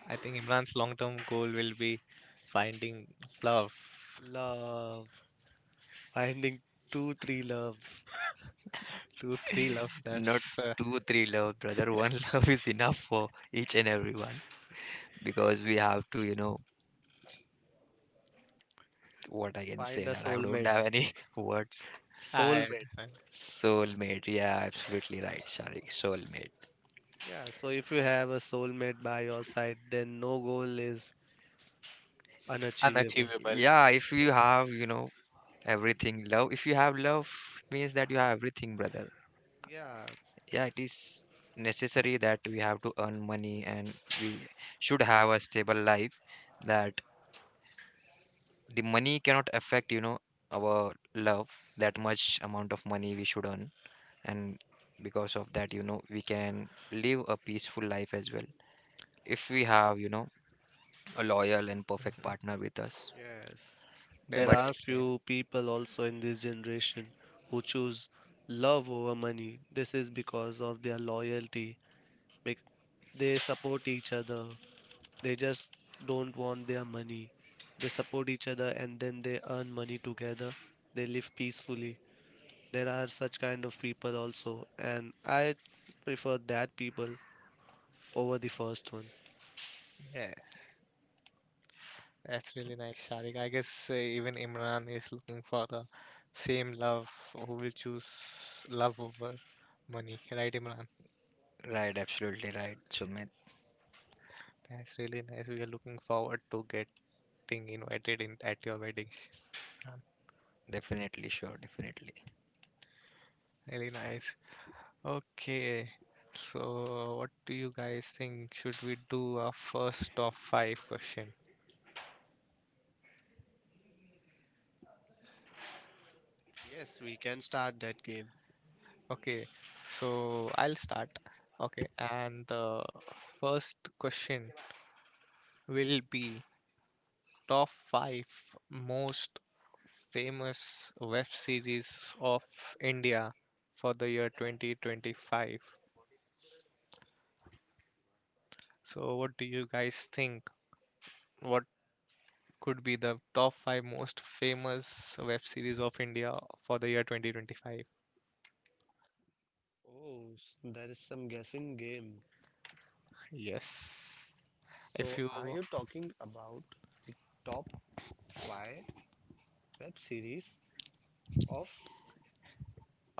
S1: I think Imran's long-term goal will be finding love.
S2: Love. Finding two, three loves.
S1: Two, three loves,
S3: Not
S1: that's
S3: two, three love, brother. One love is enough for each and everyone, because we have to, you know, what I can say
S2: Find a
S3: that I don't
S2: soulmate.
S3: have any words.
S1: I
S2: Soulmate.
S1: understand.
S3: Soulmate, yeah, absolutely right, Shari. Soulmate.
S2: Yeah, so if you have a soulmate by your side, then no goal is unachievable.
S1: Unachievable.
S3: Yeah, if you have, you know... Everything love. If you have love, means that you have everything, brother.
S2: Yeah,
S3: Yeah, it is necessary that we have to earn money, and we should have a stable life. That the money cannot affect, you know, our love. That much amount of money we should earn, and because of that, you know, we can live a peaceful life as well. If we have, you know, a loyal and perfect
S1: Mhm.
S3: partner with us.
S2: yes. There
S3: But...
S2: are
S1: Definitely.
S2: few people also in this generation who choose love over money. This is because of their loyalty. They support each other. They just don't want their money. They support each other and then they earn money together. They live peacefully. There are such kind of people also, and I prefer that people over the first one.
S1: Yes, that's really nice, Sharik. I guess even Imran is looking for the same love, who will choose love over money, right, Imran?
S3: Right, absolutely right, Sumit.
S1: That's really nice. We are looking forward to getting invited in at your wedding, Imran.
S3: Definitely, sure, definitely.
S1: Really nice. Okay, so what do you guys think? Should we do our first of five question?
S2: Yes, we can start that game.
S1: Okay, so I'll start. Okay, and the first question will be top 5 most famous web series of India for the year 2025. So, what do you guys think? What could be the top 5 most famous web series of India for the year 2025?
S2: Oh, that is some guessing game.
S1: Yes. If
S2: So,
S1: you
S2: are you talking about the top five web series of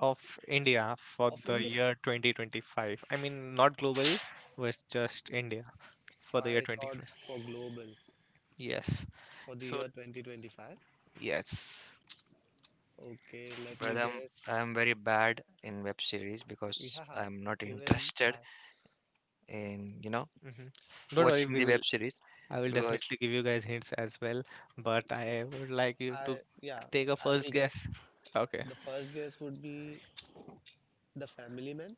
S1: of India for
S2: of
S1: the
S2: India?
S1: year 2025, I mean, not globally, but just India
S2: So
S1: for the year
S2: I thought
S1: 2025.
S2: for global
S1: Yes.
S2: for the
S1: So,
S2: year 2025.
S1: yes.
S2: Okay, let me
S3: Brother, I'm,
S2: guess.
S3: I'm very bad in web series,
S2: Yeah,
S3: because I'm not
S2: even I,
S3: interested in, you know,
S1: Hmm. Don't worry,
S3: watching
S1: we
S3: the
S1: will,
S3: web series,
S1: I will
S3: because
S1: definitely give you guys hints as well, but I would like you
S2: I,
S1: to
S2: yeah,
S1: take a
S2: I will
S1: first
S2: guess.
S1: guess. Okay.
S2: The first guess would be The Family Man.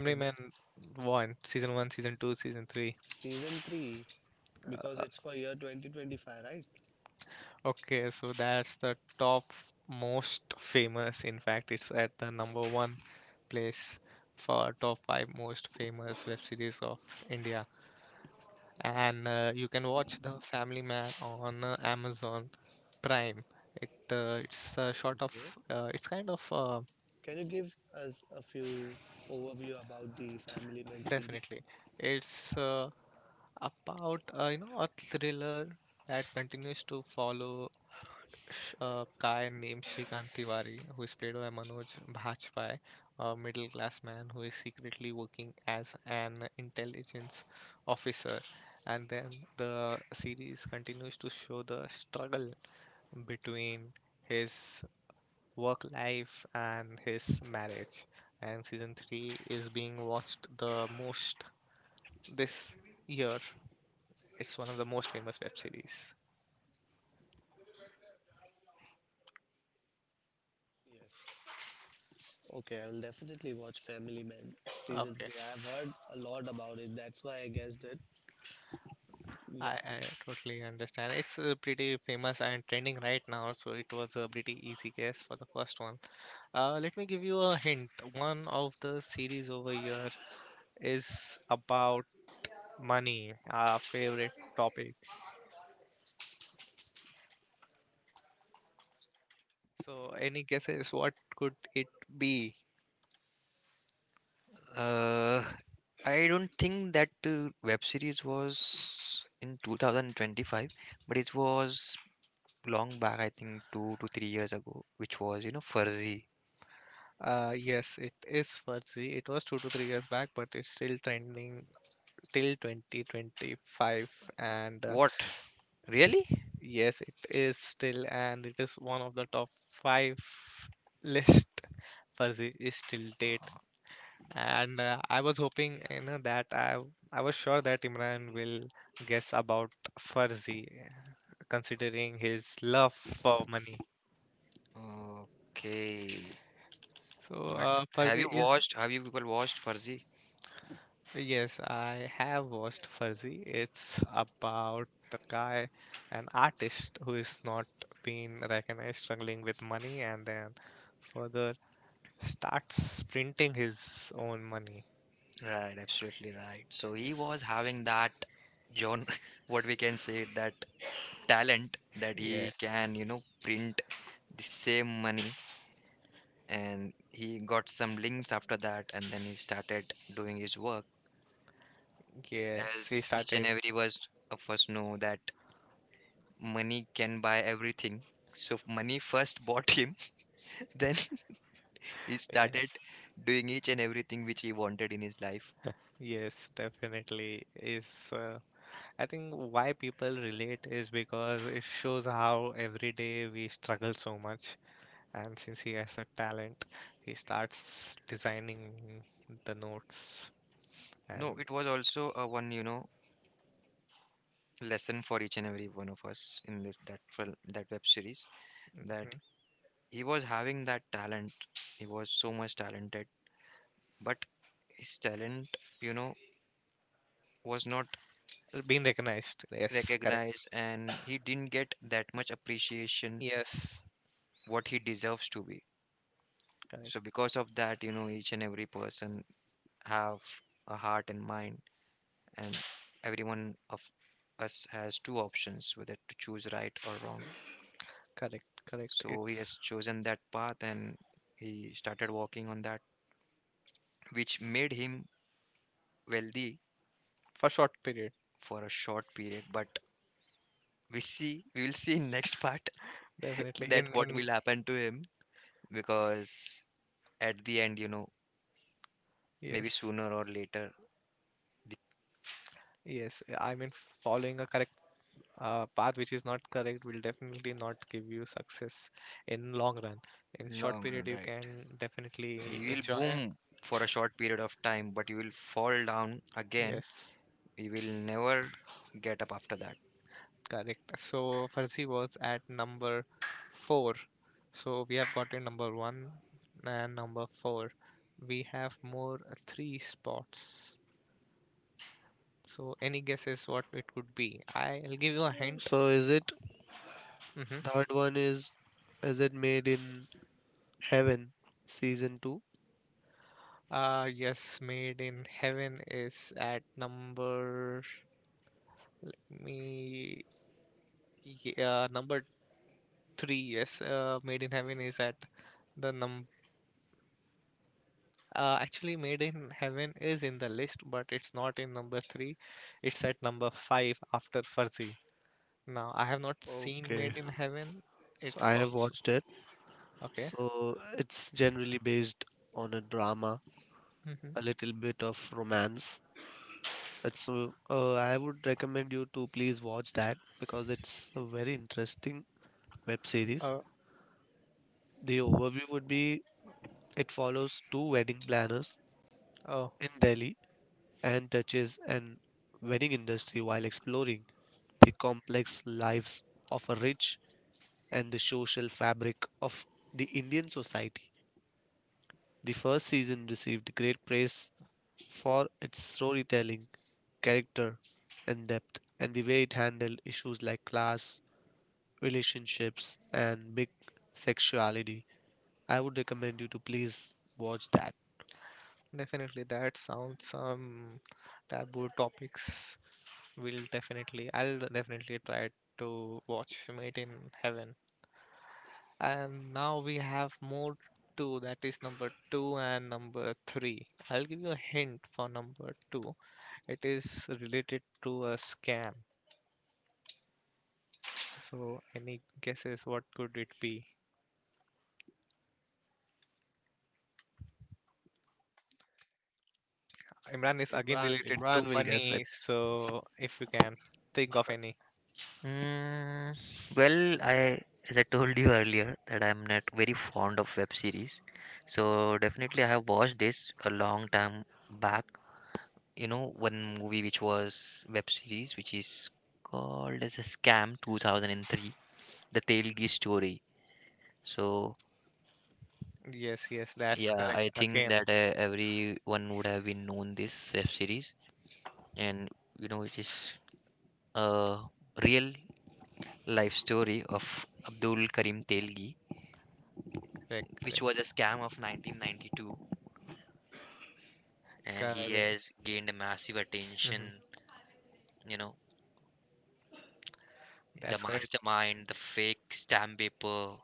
S2: Is that
S1: Man 1, Season 1, Season 2, Season 3.
S2: Season 3? Because it's for year 2025, right?
S1: Okay, so that's the top most famous. In fact, it's at the number one place for top 5 most famous web series of India. And you can watch The Family Man on Amazon Prime. It it's sort
S2: Okay.
S1: of it's kind of
S2: Can you give us a few overview about the Family Man series?
S1: Definitely. It's about a thriller that continues to follow a guy named Shrikant Tiwari, who is played by Manoj Bajpayee, a middle-class man who is secretly working as an intelligence officer. And then the series continues to show the struggle between his work life and his marriage. And season three is being watched the most this year. It's one of the most famous web series.
S2: Yes. Okay, I will definitely watch Family Man season
S1: Okay,
S2: three. I've heard a lot about it. That's why I guessed it.
S1: I,
S2: Yeah.
S1: I totally understand. It's pretty famous and trending right now, so it was a pretty easy guess for the first one. Let me give you a hint. One of the series over here is about money, our favorite topic. So, any guesses what could it be?
S3: uh, I don't think that web series was in 2025, but it was long back, I think 2 to 3 years ago, which was, you know, Fuzzy.
S1: Yes, it is Fuzzy. It was 2 to 3 years back, but it's still trending till 2025. And
S3: What? Really?
S1: Yes, it is still, and it is one of the top five list for the is still date. And I was hoping, you know, that I was sure that Imran will guess about Farzi, considering his love for money.
S3: Okay.
S1: So
S3: But have
S1: Farzi
S3: you
S1: is
S3: watched, have you people watched Fuzzy?
S1: yes, I have watched Farzi. It's about a guy, an artist who is not being recognized, struggling with money, and then further starts sprinting his own money.
S3: Right, absolutely right. So he was having that John, what we can say, that talent that he
S1: Yes,
S3: can, you know, print the same money. And he got some links after that, and then he started doing his work.
S1: yes, he
S3: As each and
S1: started.
S3: every was of us know that money can buy everything. So money first bought him, then he started
S1: Yes,
S3: doing each and everything which he wanted in his life.
S1: yes, definitely is. I think why people relate is because it shows how every day we struggle so much. And since he has a talent, he starts designing the notes and.
S3: No, it was also a one, you know, lesson for each and every one of us, in this that film, that web series, that
S1: Mm-hmm.
S3: he was having that talent. He was so much talented, but his talent, you know, was not
S1: Being recognized, yes, correct.
S3: recognized, and he didn't get that much appreciation
S1: Yes,
S3: what he deserves to be.
S1: correct,
S3: So because of that, you know, each and every person have a heart and mind, and every one of us has two options, whether to choose right or wrong.
S1: correct, correct.
S3: So he
S1: It's
S3: has chosen that path, and he started walking on that, which made him wealthy
S1: for short period,
S3: for a short period. But we see, we will see in next part
S1: definitely
S3: that
S1: in
S3: what
S1: in
S3: will happen to him, because at the end, you know, maybe
S1: yes.
S3: sooner or later, the
S1: Yes i mean following a correct path which is not correct will definitely not give you success in long run. In short
S3: long run,
S1: period you
S3: right?
S1: can definitely
S3: You will
S1: enjoy,
S3: boom for a short period of time, but you will fall down again.
S1: yes.
S3: You will never get up after that.
S1: Correct. So Farsi was at number four. So we have gotten number one and number four. We have more three spots. So any guesses what it could be? I'll give you a hint.
S2: So is it
S1: Hmm.
S2: Third one, is it Made in Heaven Season 2?
S1: Yes, Made in Heaven is at number me yeah, number three. Yes, Made in Heaven is at the number. Actually, Made in Heaven is in the list, but it's not in number three. It's at number five after Fuzzy. Now, I have not seen
S2: Okay.
S1: Made in Heaven.
S2: So
S1: It's
S2: I have
S1: also
S2: watched it.
S1: okay.
S2: So it's generally based on a drama, a
S1: Mm-hmm.
S2: little bit of romance. It's I would recommend you to please watch that because it's a very interesting web series.
S1: Uh,
S2: The overview would be it follows two wedding planners
S1: oh,
S2: in Delhi and touches an wedding industry while exploring the complex lives of a rich and the social fabric of the Indian society. The first season received great praise for its storytelling, character, and depth, and the way it handled issues like class, relationships, and big sexuality. I would recommend you to please watch that.
S1: Definitely. That sounds some taboo topics. Will definitely, I'll definitely try to watch Made in Heaven. And now we have more two. That is number two and number three. I'll give you a hint for number two. It is related to a scam. So, any guesses what could it be? Imran is again
S2: Imran,
S1: related to
S2: Imran will guess
S1: money.
S2: it.
S1: So, if you can think of any.
S3: Mm, well, I, as I told you earlier, that I'm not very fond of web series, so definitely I have watched this a long time back. You know, one movie which was web series, which is called as a Scam 2003, the Telgi story. So
S1: Yes, yes, that's
S3: yeah, I
S1: correct.
S3: think
S1: Again,
S3: that everyone would have been known this web series, and you know, it is a real life story of Abdul Karim Telgi,
S1: correct,
S3: which
S1: correct,
S3: was a scam of 1992, and he
S1: correct.
S3: has gained a massive
S1: Hmm.
S3: attention, you know, the
S1: That's correct.
S3: mastermind, the fake stamp paper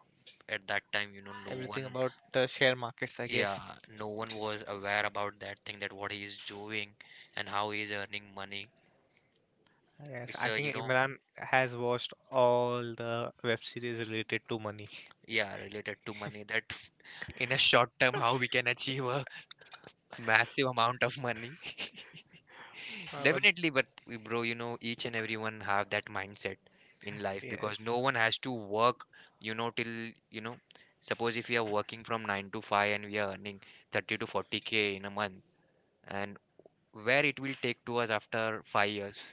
S3: at that time, you know, no
S1: Everything
S3: one...
S1: about the share markets, I
S3: Yeah,
S1: guess.
S3: no one was aware about that thing, that what he is doing and how he is earning money.
S1: Yes,
S3: It's
S1: I
S3: a, you
S1: think
S3: know,
S1: Imran has watched all the web series related to money.
S3: yeah, related to money, that in a short term how we can achieve a massive amount of money.
S1: But
S3: Definitely, but bro, you know, each and everyone have that mindset in life, because
S1: yes.
S3: no one has to work, you know, till, you know, suppose if we are working from 9 to 5 and we are earning 30 to 40K in a month, and where it will take to us after 5 years.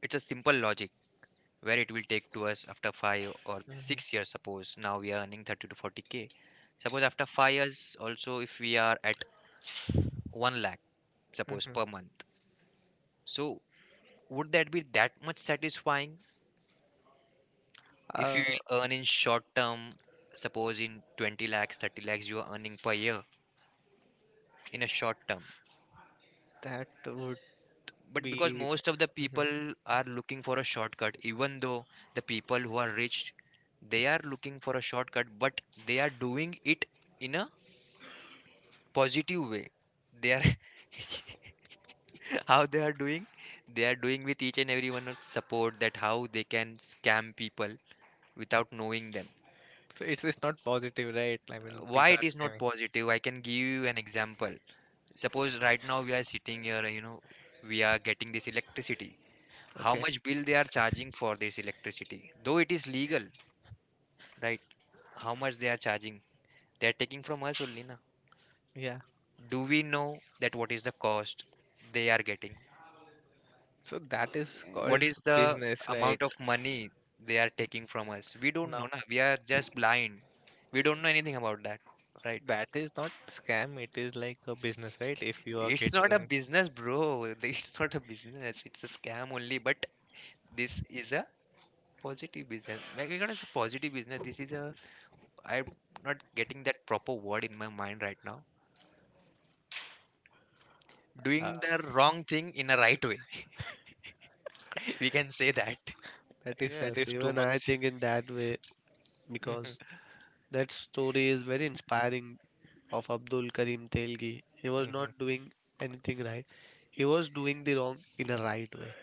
S3: It's a simple logic, where it will take to us after 5 or
S1: Mhm.
S3: 6 years. Suppose now we are earning 30 to 40K. Suppose after 5 years, also, if we are at 1 lakh, suppose
S1: Hmm.
S3: per month. So, would that be that much satisfying? If you
S1: Uh,
S3: will earn in short term, suppose in 20 lakhs, 30 lakhs, you are earning per year in a short term.
S1: that would
S3: But because
S1: be.
S3: most of the
S1: Hmm.
S3: people are looking for a shortcut, even though the people who are rich, they are looking for a shortcut, but they are doing it in a positive way. They are how they are doing with each and every one of support that how they can scam people without knowing them.
S1: So it's not positive, right? I mean,
S3: Why
S1: people are
S3: it is not
S1: scamming.
S3: positive? I can give you an example. Suppose right now we are sitting here, you know, we are getting this electricity. How
S1: Okay.
S3: much bill they are charging for this electricity? Though it is legal, right? How much they are charging? They are taking from us only, na?
S1: Yeah.
S3: Do we know that what is the cost they are getting?
S1: So that is
S3: What
S1: called
S3: is the
S1: business, right?
S3: amount of money they are taking from us? We don't know,
S1: Now
S3: na? We are just blind. We don't know anything about that, right?
S1: that is not scam. It is like a business, right? If you are
S3: It's not a
S1: getting,
S3: business, bro. It's not a business. It's a scam only. But this is a... Positive business. Maybe we gotta say positive business. This is a... I'm not getting that proper word in my mind right now.
S1: uh,
S3: Doing the wrong thing in a right way. We can say that,
S1: that is that
S2: Yes,
S1: is too
S2: even I
S1: much.
S2: think in that way
S1: Hmm.
S2: because that story is very inspiring of Abdul Karim Telgi. He was
S1: Hmm.
S2: not doing anything right. He was doing the wrong in a right way.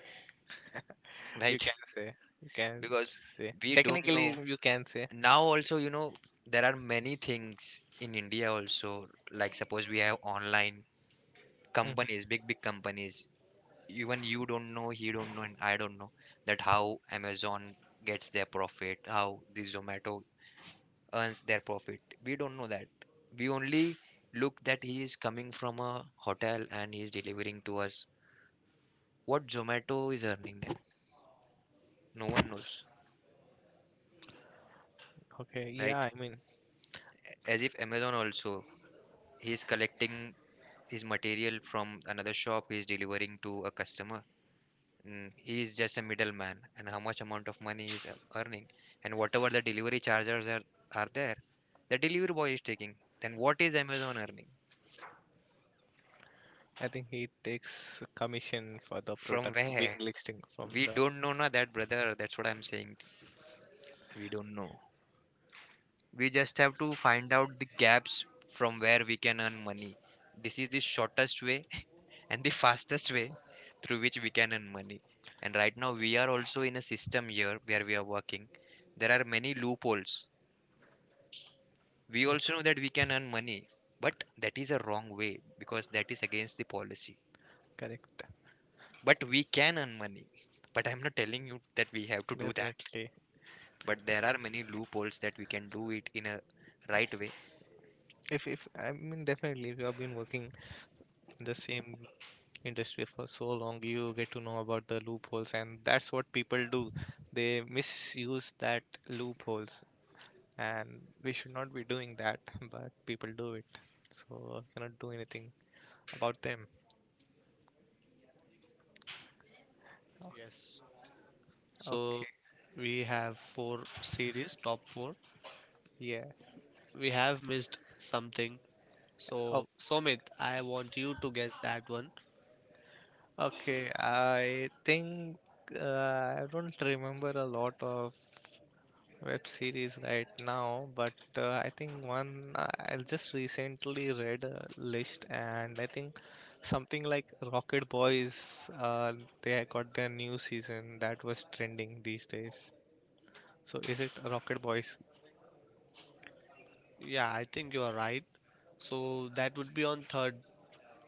S1: You
S3: right?
S1: can say. You can
S3: Because
S1: say.
S3: we don't
S1: Technically,
S3: know.
S1: you can say.
S3: Now also, you know, there are many things in India also. Like suppose we have online companies,
S1: Mm-hmm.
S3: big big companies. Even you don't know, he don't know, and I don't know that how Amazon gets their profit, how the Zomato earns their profit. We don't know that. We only look that he is coming from a hotel and he is delivering to us. What Zomato is earning then? No one knows,
S1: Okay, yeah,
S3: right?
S1: I mean,
S3: As if Amazon also, he is collecting his material from another shop, he is delivering to a customer. Mm, he is just a middleman, and how much amount of money he is earning, and whatever the delivery charges are there, the delivery boy is taking. Then what is Amazon earning?
S1: I think he takes commission for the
S3: From
S1: product being
S3: where?
S1: listing from
S3: We
S1: the.
S3: don't know, na, that brother. That's what I'm saying. We don't know. We just have to find out the gaps from where we can earn money. This is the shortest way and the fastest way through which we can earn money. And right now, we are also in a system here where we are working. There are many loopholes. We
S1: Mhm.
S3: also know that we can earn money, but that is a wrong way because that is against the policy.
S1: Correct.
S3: But we can earn money. But I'm not telling you that we have to do that,
S1: Definitely.
S3: but there are many loopholes that we can do it in a right way
S1: If I mean definitely if you have been working in the same industry for so long, you get to know about the loopholes and that's what people do. They misuse that loopholes and we should not be doing that, but people do it. So I cannot do anything about them.
S2: Yes. So
S1: Okay.
S2: we have four series, top four.
S1: Yeah.
S2: We have missed something.
S1: Oh,
S2: So Somit, I want you to guess that one.
S1: okay. I think uh, I don't remember a lot of web series right now, but I think one I just recently read a list, and I think something like Rocket Boys. They had got their new season that was trending these days. So is it Rocket Boys?
S2: Yeah, I think you are right. So that would be on third,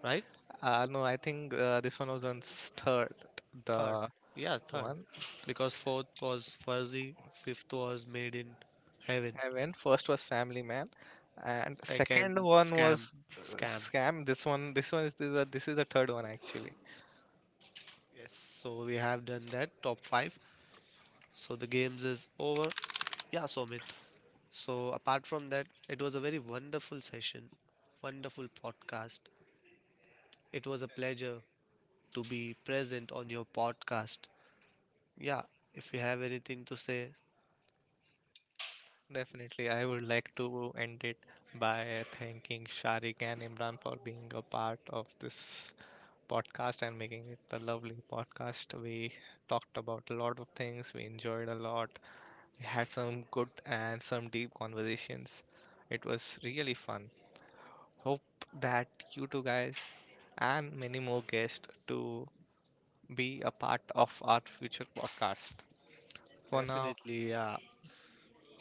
S2: right?
S1: No, I think this one was on third,
S2: Third.
S1: the
S2: Yeah, third.
S1: one.
S2: Because fourth was Fuzzy, fifth was Made in Heaven.
S1: I went. First was Family Man, and second
S2: Second,
S1: one
S2: Scam.
S1: was
S2: Scam.
S1: Scam. This one is the this is the third one actually.
S2: Yes, so we have done that, top five. So the games is over. Yeah, Somit. So, apart from that, it was a very wonderful session, wonderful podcast. It was a pleasure to be present on your podcast. Yeah, if you have anything to say.
S1: Definitely, I would like to end it by thanking Sharik and Imran for being a part of this podcast and making it a lovely podcast. We talked about a lot of things. We enjoyed a lot. We had some good and some deep conversations. It was really fun. Hope that you two guys and many more guests to be a part of our future podcast. For now,
S2: Definitely. Yeah,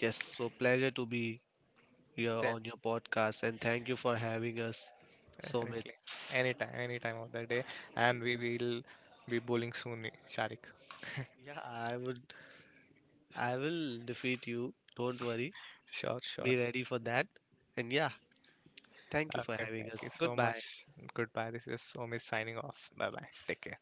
S2: yes. So, pleasure to be here
S1: de-
S2: on your podcast, and thank you for having us, Somit.
S1: definitely. Anytime, any time of the day. And we will be bowling soon, Sharik.
S2: Yeah, I will defeat you. Don't worry.
S1: Sure, sure.
S2: Be ready for that. And yeah, thank you for
S1: Okay,
S2: having
S1: thank you
S2: us.
S1: so
S2: Goodbye.
S1: much. Goodbye. This is Omi signing off. Bye bye. Take care.